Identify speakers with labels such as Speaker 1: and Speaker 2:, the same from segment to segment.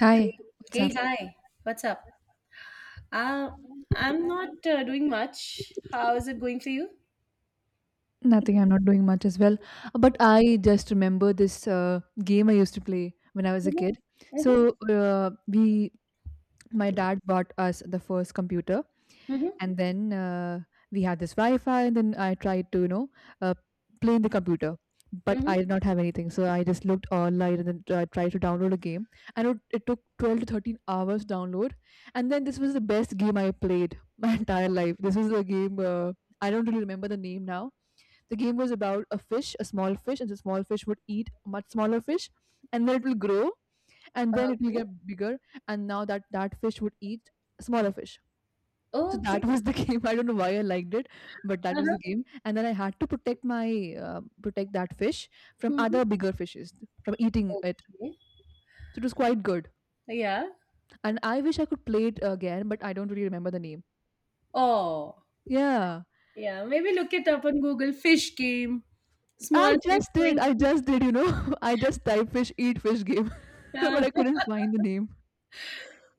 Speaker 1: Hi, what's up?
Speaker 2: Hey, hi. What's up? Uh, I'm not doing much. How is it going for you?
Speaker 1: Nothing, I'm not doing much as well. But I just remember this game I used to play when I was a
Speaker 2: Mm-hmm.
Speaker 1: kid.
Speaker 2: Mm-hmm.
Speaker 1: So my dad bought us the first computer,
Speaker 2: Mm-hmm.
Speaker 1: and then we had this Wi-Fi. And then I tried to, uh, play in the computer, but I
Speaker 2: Mm-hmm.
Speaker 1: did not have anything. So I just looked online and then tried to download a game. And it took 12 to 13 hours to download. And then this was the best game I played my entire life. This was a game. I don't really remember the name now. The game was about a fish, a small fish, and the small fish would eat a much smaller fish, and then it will grow, and then it will
Speaker 2: Okay.
Speaker 1: get bigger, and now that fish would eat a smaller fish. So that
Speaker 2: Okay.
Speaker 1: was the game. I don't know why I liked it, but that was the
Speaker 2: Uh-huh.
Speaker 1: game. And then I had to protect my protect that fish from
Speaker 2: Mm-hmm.
Speaker 1: other bigger fishes from eating it.
Speaker 2: Okay.
Speaker 1: So it was quite good.
Speaker 2: Yeah.
Speaker 1: And I wish I could play it again, but I don't really remember the name.
Speaker 2: Oh,
Speaker 1: Yeah,
Speaker 2: yeah. Maybe look it up on Google. Fish game. Small
Speaker 1: I
Speaker 2: fish
Speaker 1: just did.
Speaker 2: trying
Speaker 1: I
Speaker 2: to.
Speaker 1: just did. I just type fish eat fish game, but I couldn't find the name.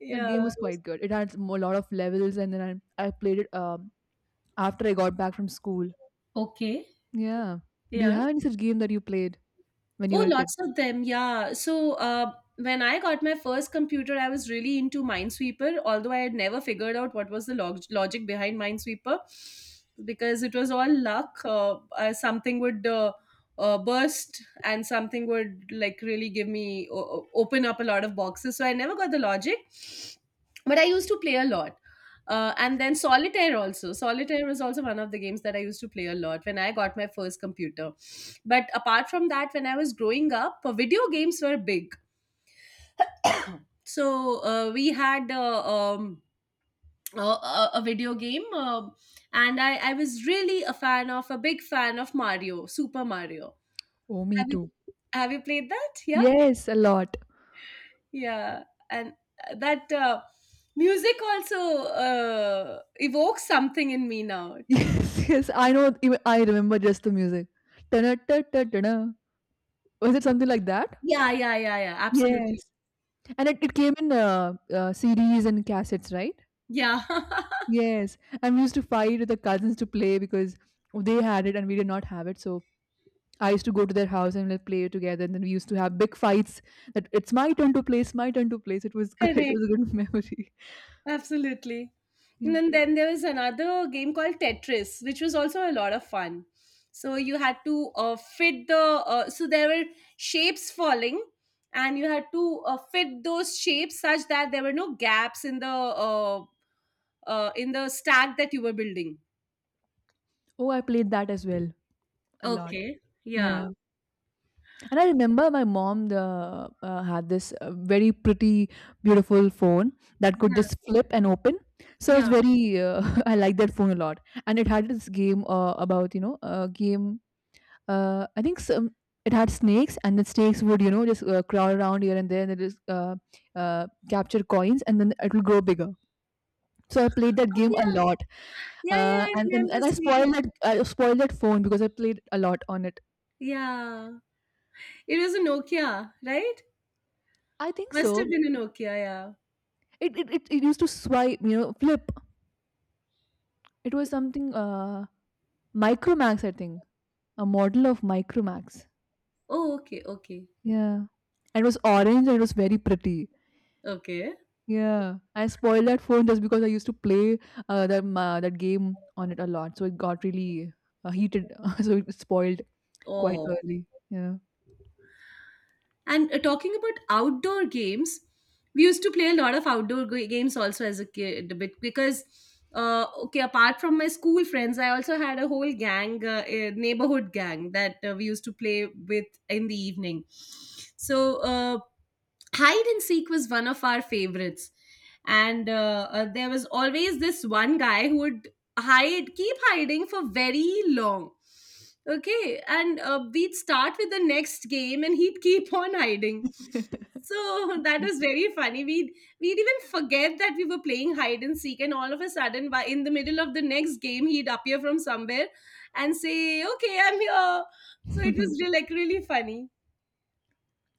Speaker 1: That game
Speaker 2: Yeah.
Speaker 1: was quite good. It had a lot of levels, and then I played it after I got back from school.
Speaker 2: Okay.
Speaker 1: Yeah. Do you
Speaker 2: Yeah.
Speaker 1: have any such game that you played when you
Speaker 2: Oh,
Speaker 1: were a kid?
Speaker 2: lots of them. Yeah. So when I got my first computer, I was really into Minesweeper, although I had never figured out what was the logic behind Minesweeper, because it was all luck. Something would burst and something would like really give me open up a lot of boxes. So I never got the logic, but I used to play a lot. And then solitaire was also one of the games that I used to play a lot when I got my first computer. But apart from that, when I was growing up, video games were big. So we had um, a video game, and I was really a big fan of Mario, Super Mario.
Speaker 1: Oh, me
Speaker 2: Have you
Speaker 1: too.
Speaker 2: have you played that? Yeah,
Speaker 1: Yes, a lot.
Speaker 2: yeah, and that music also evokes something in me now.
Speaker 1: Yes, yes. I know. Even I remember just the music. Dunna, ta, ta, dunna. Was it something like that?
Speaker 2: Yeah, yeah, yeah, yeah.
Speaker 1: Yes.
Speaker 2: Absolutely.
Speaker 1: And it came in CDs and cassettes, right?
Speaker 2: Yeah.
Speaker 1: Yes. And we used to fight with the cousins to play because they had it and we did not have it. So I used to go to their house and we play together, and then we used to have big fights. That it's my turn to play, my turn to play. It was good. It
Speaker 2: Correct.
Speaker 1: was a good memory.
Speaker 2: Absolutely. And
Speaker 1: Yeah.
Speaker 2: then then there was another game called Tetris, which was also a lot of fun. So you had to so there were shapes falling, and you had to fit those shapes such that there were no gaps in the stack that you were building.
Speaker 1: Oh, I played that as well a lot.
Speaker 2: Okay. Yeah.
Speaker 1: Yeah. And I remember my mom had this very pretty, beautiful phone that could
Speaker 2: Yeah.
Speaker 1: just flip and open. So it's
Speaker 2: Yeah.
Speaker 1: very. I like that phone a lot, and it had this game about you know a game I think some it had snakes, and the snakes would, you know, just crawl around here and there, and it just capture coins, and then it will grow bigger. So I played that
Speaker 2: Oh
Speaker 1: game a
Speaker 2: yeah.
Speaker 1: lot,
Speaker 2: Yeah. Yeah. I
Speaker 1: and, and
Speaker 2: remember
Speaker 1: and
Speaker 2: seeing.
Speaker 1: I spoiled that phone because I played a lot on it.
Speaker 2: Yeah. It was a Nokia, right?
Speaker 1: I think
Speaker 2: Must have
Speaker 1: so.
Speaker 2: been a Nokia. Yeah.
Speaker 1: It used to swipe, you know, flip. It was something Micromax, I think, a model of Micromax.
Speaker 2: Oh. Okay. Okay.
Speaker 1: Yeah, and it was orange and it was very pretty.
Speaker 2: Okay.
Speaker 1: Yeah, I spoiled that phone just because I used to play that game on it a lot, so it got really heated, so it spoiled quite
Speaker 2: Oh,
Speaker 1: early. Yeah.
Speaker 2: and talking about outdoor games, we used to play a lot of outdoor games also as a kid, a bit because okay, apart from my school friends, I also had a whole gang, a neighborhood gang that we used to play with in the evening. So hide and seek was one of our favorites, and there was always this one guy who would hide keep hiding for very long. Okay. And we'd start with the next game and he'd keep on hiding, so that
Speaker 1: Okay.
Speaker 2: was very funny. We'd even forget that we were playing hide and seek, and all of a sudden by in the middle of the next game he'd appear from somewhere and say, okay, I'm here. So it was really, like really funny.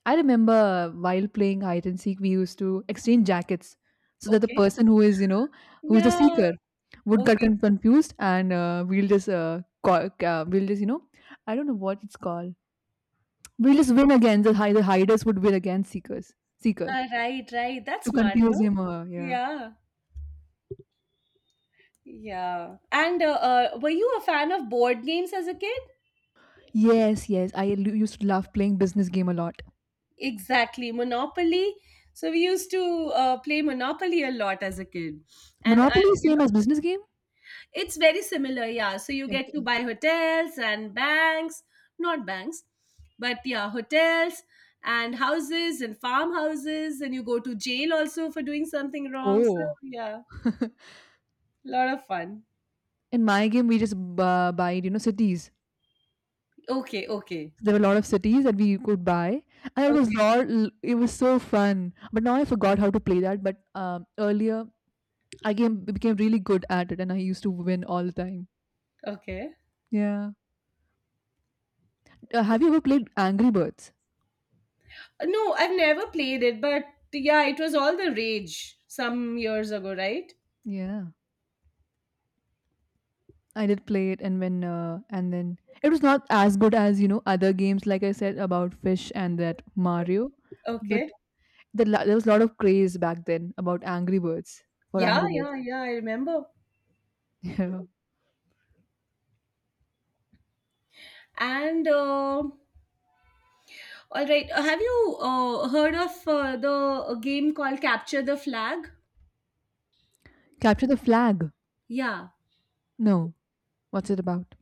Speaker 1: I remember while playing hide and seek, we used to exchange jackets so that the
Speaker 2: Okay.
Speaker 1: person who is, you know, who's the
Speaker 2: Yeah.
Speaker 1: seeker would get
Speaker 2: Okay.
Speaker 1: confused, and we'll just, you know, I don't know what it's called. We'll just win against the hiders would win against seeker
Speaker 2: Right, right, that's
Speaker 1: to
Speaker 2: smart,
Speaker 1: confuse
Speaker 2: no?
Speaker 1: him. Yeah.
Speaker 2: Yeah, yeah. And were you a fan of board games as a kid?
Speaker 1: Yes, yes. Used to love playing business game a lot.
Speaker 2: Exactly, Monopoly. So we used to play Monopoly a lot as a kid, and
Speaker 1: Monopoly is
Speaker 2: you
Speaker 1: same
Speaker 2: know
Speaker 1: as business game?
Speaker 2: it's very similar. Yeah, so you get to
Speaker 1: Okay.
Speaker 2: buy hotels and banks, not banks, but yeah, hotels and houses and farmhouses, and you go to jail also for doing something wrong. So
Speaker 1: Oh.
Speaker 2: yeah, lot of fun.
Speaker 1: In my game, we just buy, you know, cities.
Speaker 2: Okay, okay,
Speaker 1: There were a lot of cities that we could buy, and it was
Speaker 2: okay,
Speaker 1: lot. It was so fun. But now I forgot how to play that. But earlier, became really good at it, and I used to win all the time.
Speaker 2: okay.
Speaker 1: Yeah. Have you ever played Angry Birds?
Speaker 2: No, I've never played it, but yeah, it was all the rage some years ago, right?
Speaker 1: Yeah. I did play it, and when and then it was not as good as, you know, other games, like I said about Fish and that Mario, but
Speaker 2: Okay.
Speaker 1: there was a lot of craze back then about
Speaker 2: Yeah,
Speaker 1: Angry Birds.
Speaker 2: yeah, yeah, I remember.
Speaker 1: Yeah.
Speaker 2: And all right, have you heard of the game called Capture the Flag?
Speaker 1: Capture the Flag.
Speaker 2: Yeah.
Speaker 1: No, what's it about?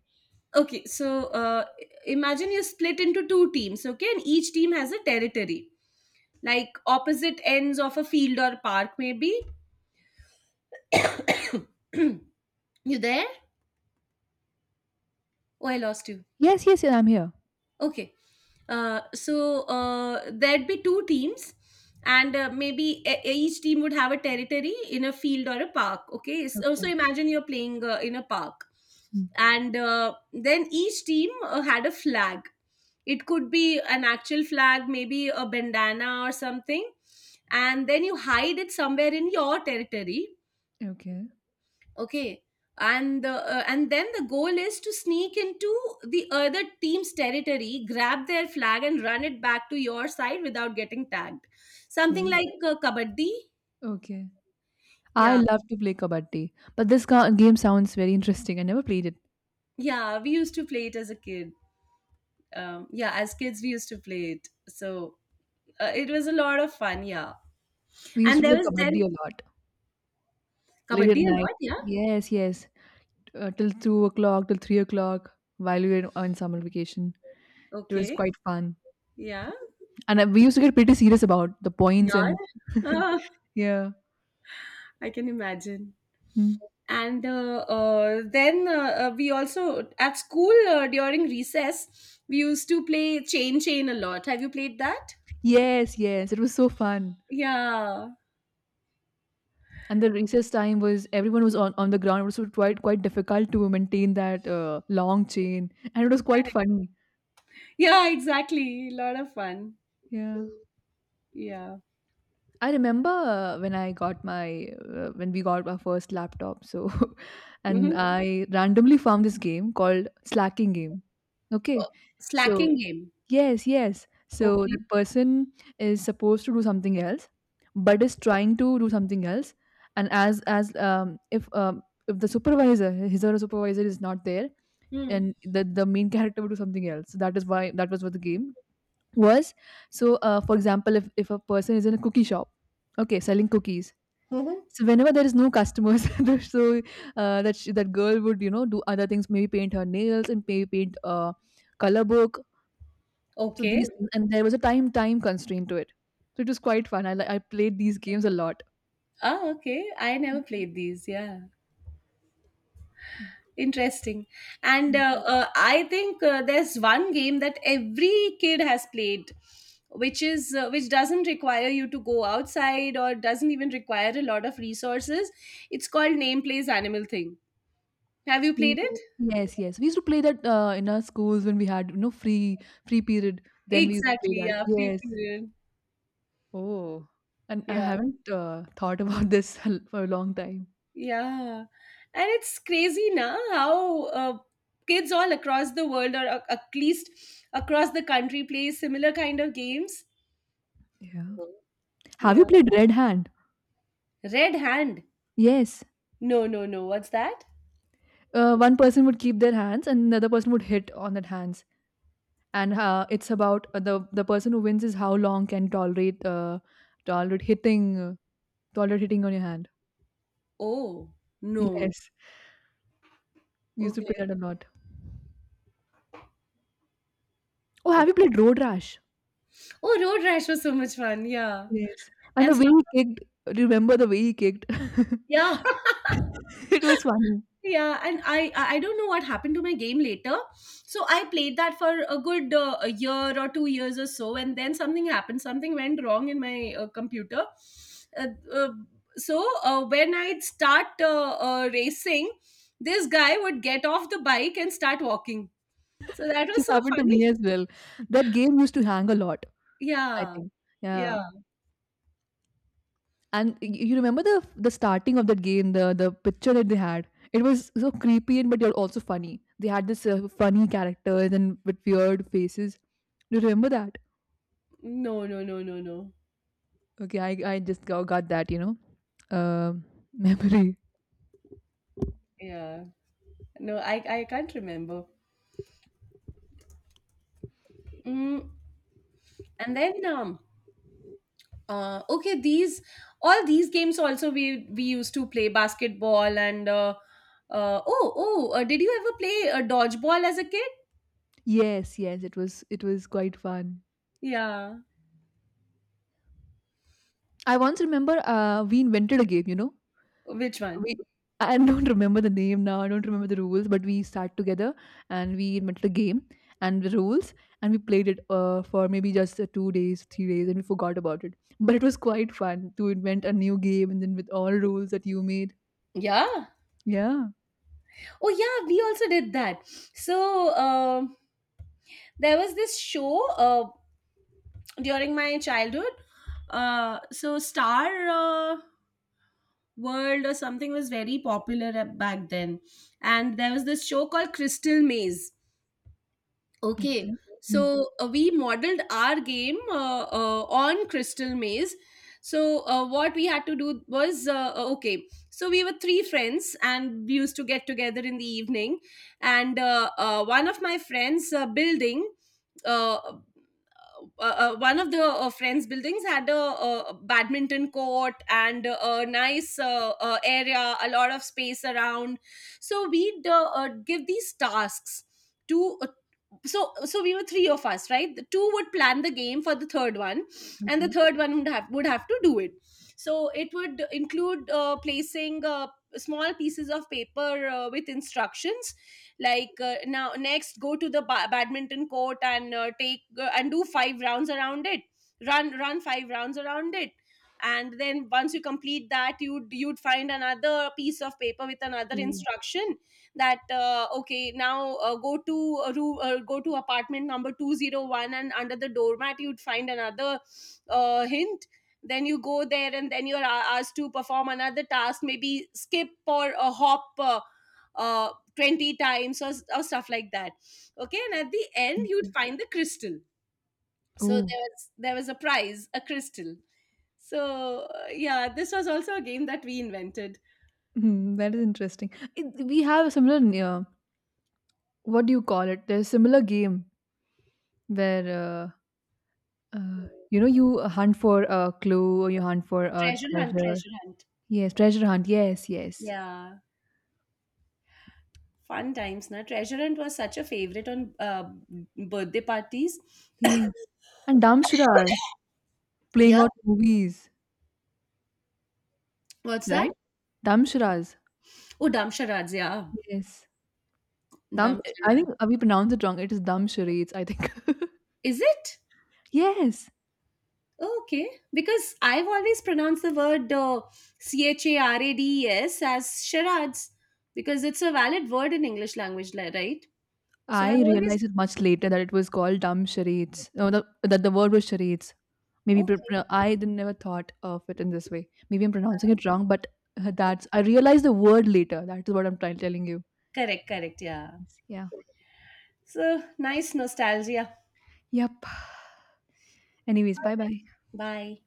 Speaker 2: Okay, so imagine you're split into two teams, okay, and each team has a territory, like opposite ends of a field or park, maybe. You there? Oh, I lost you.
Speaker 1: Yes, yes, yeah, I'm here.
Speaker 2: Okay. So there'd be two teams, and maybe each team would have a territory in a field or a park. Okay, so,
Speaker 1: Okay.
Speaker 2: imagine you're playing in a park.
Speaker 1: Hmm.
Speaker 2: And then each team had a flag. It could be an actual flag, maybe a bandana or something, and then you hide it somewhere in your territory.
Speaker 1: Okay.
Speaker 2: Okay. And then the goal is to sneak into the other team's territory, grab their flag, and run it back to your side without getting tagged, something
Speaker 1: Oh.
Speaker 2: like kabaddi.
Speaker 1: Okay. I
Speaker 2: Yeah,
Speaker 1: love to play kabaddi, but this game sounds very interesting. I never played it.
Speaker 2: yeah, we used to play it as a kid. Yeah, as kids we used to play it, so it was a lot of fun. Yeah.
Speaker 1: We used
Speaker 2: And
Speaker 1: to play
Speaker 2: there was
Speaker 1: kabaddi
Speaker 2: then
Speaker 1: a lot late at
Speaker 2: kabaddi a
Speaker 1: night.
Speaker 2: lot. Yeah.
Speaker 1: Yes, yes. Till 2 o'clock, till 3 o'clock while we were on summer vacation. It was
Speaker 2: Okay.
Speaker 1: quite fun,
Speaker 2: Yeah,
Speaker 1: and we used to get pretty serious about the points
Speaker 2: yeah.
Speaker 1: and
Speaker 2: Ah,
Speaker 1: yeah.
Speaker 2: I can imagine.
Speaker 1: Mm.
Speaker 2: And then we also at school during recess we used to play chain chain a lot. Have you played that?
Speaker 1: Yes, yes, it was so fun.
Speaker 2: Yeah.
Speaker 1: And the recess time was everyone was on the ground. It was so quite difficult to maintain that long chain, and it was quite
Speaker 2: Correct.
Speaker 1: funny.
Speaker 2: Yeah, exactly, a lot of fun.
Speaker 1: Yeah.
Speaker 2: Yeah.
Speaker 1: I remember when we got our first laptop. So, and
Speaker 2: Hmm.
Speaker 1: I randomly found this game called Slacking Game. Okay, so
Speaker 2: Slacking game.
Speaker 1: Yes, yes. So the
Speaker 2: Okay.
Speaker 1: person is supposed to do something else, but is trying to do something else. And as if the supervisor, his or her supervisor is not there,
Speaker 2: Hmm.
Speaker 1: and the main character will do something else. So that is why that was what the game was. So for example, if a person is in a cookie shop, okay, selling cookies.
Speaker 2: Hmm.
Speaker 1: So whenever there is no customers, that that girl would, you know, do other things, maybe paint her nails and maybe paint a color book, so these
Speaker 2: Okay.
Speaker 1: things, and there was a time constraint to it. So it was quite fun. I played these games a lot.
Speaker 2: Ah, okay, I never played these. Yeah. Interesting. And
Speaker 1: Mm.
Speaker 2: I think there's one game that every kid has played, which is which doesn't require you to go outside or doesn't even require a lot of resources. It's called Name Plays Animal Thing. Have you
Speaker 1: Mm.
Speaker 2: played it?
Speaker 1: Yes, yes. We used to play that in our schools when we had, you know, free period. Then we used to play
Speaker 2: Exactly.
Speaker 1: that.
Speaker 2: Yeah. Free
Speaker 1: Yes.
Speaker 2: period.
Speaker 1: Oh, and I
Speaker 2: Yeah.
Speaker 1: haven't thought about this for a long time.
Speaker 2: Yeah. And it's crazy now how kids all across the world, or at least across the country, play similar kind of games.
Speaker 1: Yeah. Have you
Speaker 2: Yeah.
Speaker 1: played Red Hand?
Speaker 2: Red Hand.
Speaker 1: Yes.
Speaker 2: No, no, no. What's that?
Speaker 1: One person would keep their hands, and another person would hit on that hands. And it's about the person who wins is how long can tolerate hitting toilet hitting on your hand.
Speaker 2: Oh, no.
Speaker 1: Yes, we used to
Speaker 2: Okay,
Speaker 1: play that a lot. Oh, have you
Speaker 2: okay.
Speaker 1: played Road Rash?
Speaker 2: Oh, Road Rash was so much fun. Yeah.
Speaker 1: Yes. And
Speaker 2: And
Speaker 1: the
Speaker 2: so,
Speaker 1: way he kicked, remember the way he kicked?
Speaker 2: yeah.
Speaker 1: It was funny.
Speaker 2: Yeah, and I don't know what happened to my game later. So I played that for a good a year or 2 years or so, and then something happened. Something went wrong in my computer. Uh, uh, so when I'd start racing, this guy would get off the bike and start walking. So that
Speaker 1: This
Speaker 2: was so
Speaker 1: happened to
Speaker 2: funny.
Speaker 1: me as well. That game used to hang a lot, I
Speaker 2: Yeah.
Speaker 1: think. Yeah.
Speaker 2: Yeah.
Speaker 1: And y you remember the starting of that game, the picture that they had? It was so creepy and but yet also funny. They had this funny characters and with weird faces. Do you remember that?
Speaker 2: No, no, no, no, no.
Speaker 1: Okay, I just got that, you know, uh, memory.
Speaker 2: Yeah. No, I can't remember. Mm, and then okay, these all these games also we used to play basketball, and oh did you ever play dodgeball as a kid?
Speaker 1: Yes, yes, it was quite fun.
Speaker 2: Yeah.
Speaker 1: I once remember we invented a game, you know.
Speaker 2: Which one?
Speaker 1: We I don't remember the name now. I don't remember the rules, but we sat together and we invented a game and the rules and we played it for maybe just 2 days, 3 days, and we forgot about it. But it was quite fun to invent a new game and then with all rules that you made.
Speaker 2: Yeah.
Speaker 1: Yeah.
Speaker 2: Oh yeah, we also did that. So there was this show during my childhood. So Star World or something was very popular back then. And there was this show called Crystal Maze. Okay,
Speaker 1: Okay. Mm,
Speaker 2: so we modeled our game on Crystal Maze. So what we had to do was okay. So we were three friends, and we used to get together in the evening. And one of my friends' building, uh, uh, one of the friends' buildings had a badminton court and a nice area, a lot of space around. So we'd give these tasks to so we were three of us, right? The two would plan the game for the third one, and the
Speaker 1: okay.
Speaker 2: third one would have to do it. So it would include placing small pieces of paper with instructions, like now, next go to the badminton court and take and do five rounds around it. Run five rounds around it. And then once you complete that, you'd find another piece of paper with another
Speaker 1: Mm.
Speaker 2: instruction that okay, now go to a room go to apartment number 201, and under the doormat you'd find another hint. Then you go there, and then you're asked to perform another task, maybe skip or hop uh, 20 times, or stuff like that. Okay, and at the end
Speaker 1: Mm.
Speaker 2: you'd find the crystal. So
Speaker 1: Oh,
Speaker 2: there was a prize, a crystal. So yeah, this was also a game that we invented.
Speaker 1: mm, that is interesting. It, we have a similar. Uh, what do you call it? There's a similar game where you know you hunt for a clue or you hunt for a
Speaker 2: Treasure hunt,
Speaker 1: treasure.
Speaker 2: treasure hunt.
Speaker 1: Yes, treasure hunt. Yes, yes,
Speaker 2: Yeah. Fun times, na. Treasure Hunt was such a favorite on birthday parties.
Speaker 1: yes. And Damshuras playing
Speaker 2: Yeah.
Speaker 1: out movies,
Speaker 2: What's that?
Speaker 1: right? Damshuras.
Speaker 2: Oh, Damsharad. Yeah.
Speaker 1: Yes. Dam. I
Speaker 2: Damsharad.
Speaker 1: think we pronounce it wrong. It is Dam charades, I think.
Speaker 2: Is it?
Speaker 1: Yes.
Speaker 2: Okay. Because I've always pronounced the word Charades as Sharads, because it's a valid word in English language, right? So I've,
Speaker 1: I
Speaker 2: mhm, always.
Speaker 1: realized it much later that it was called Dam charades. No, the, that the word was charades. Maybe pr-
Speaker 2: Okay.
Speaker 1: pr- I didn't never thought of it in this way. Maybe I'm pronouncing it wrong, but that's I realized the word later. That is what I'm trying telling you.
Speaker 2: Correct, correct. Yeah.
Speaker 1: Yeah.
Speaker 2: So nice nostalgia.
Speaker 1: Yep. Anyways, bye bye.
Speaker 2: Bye.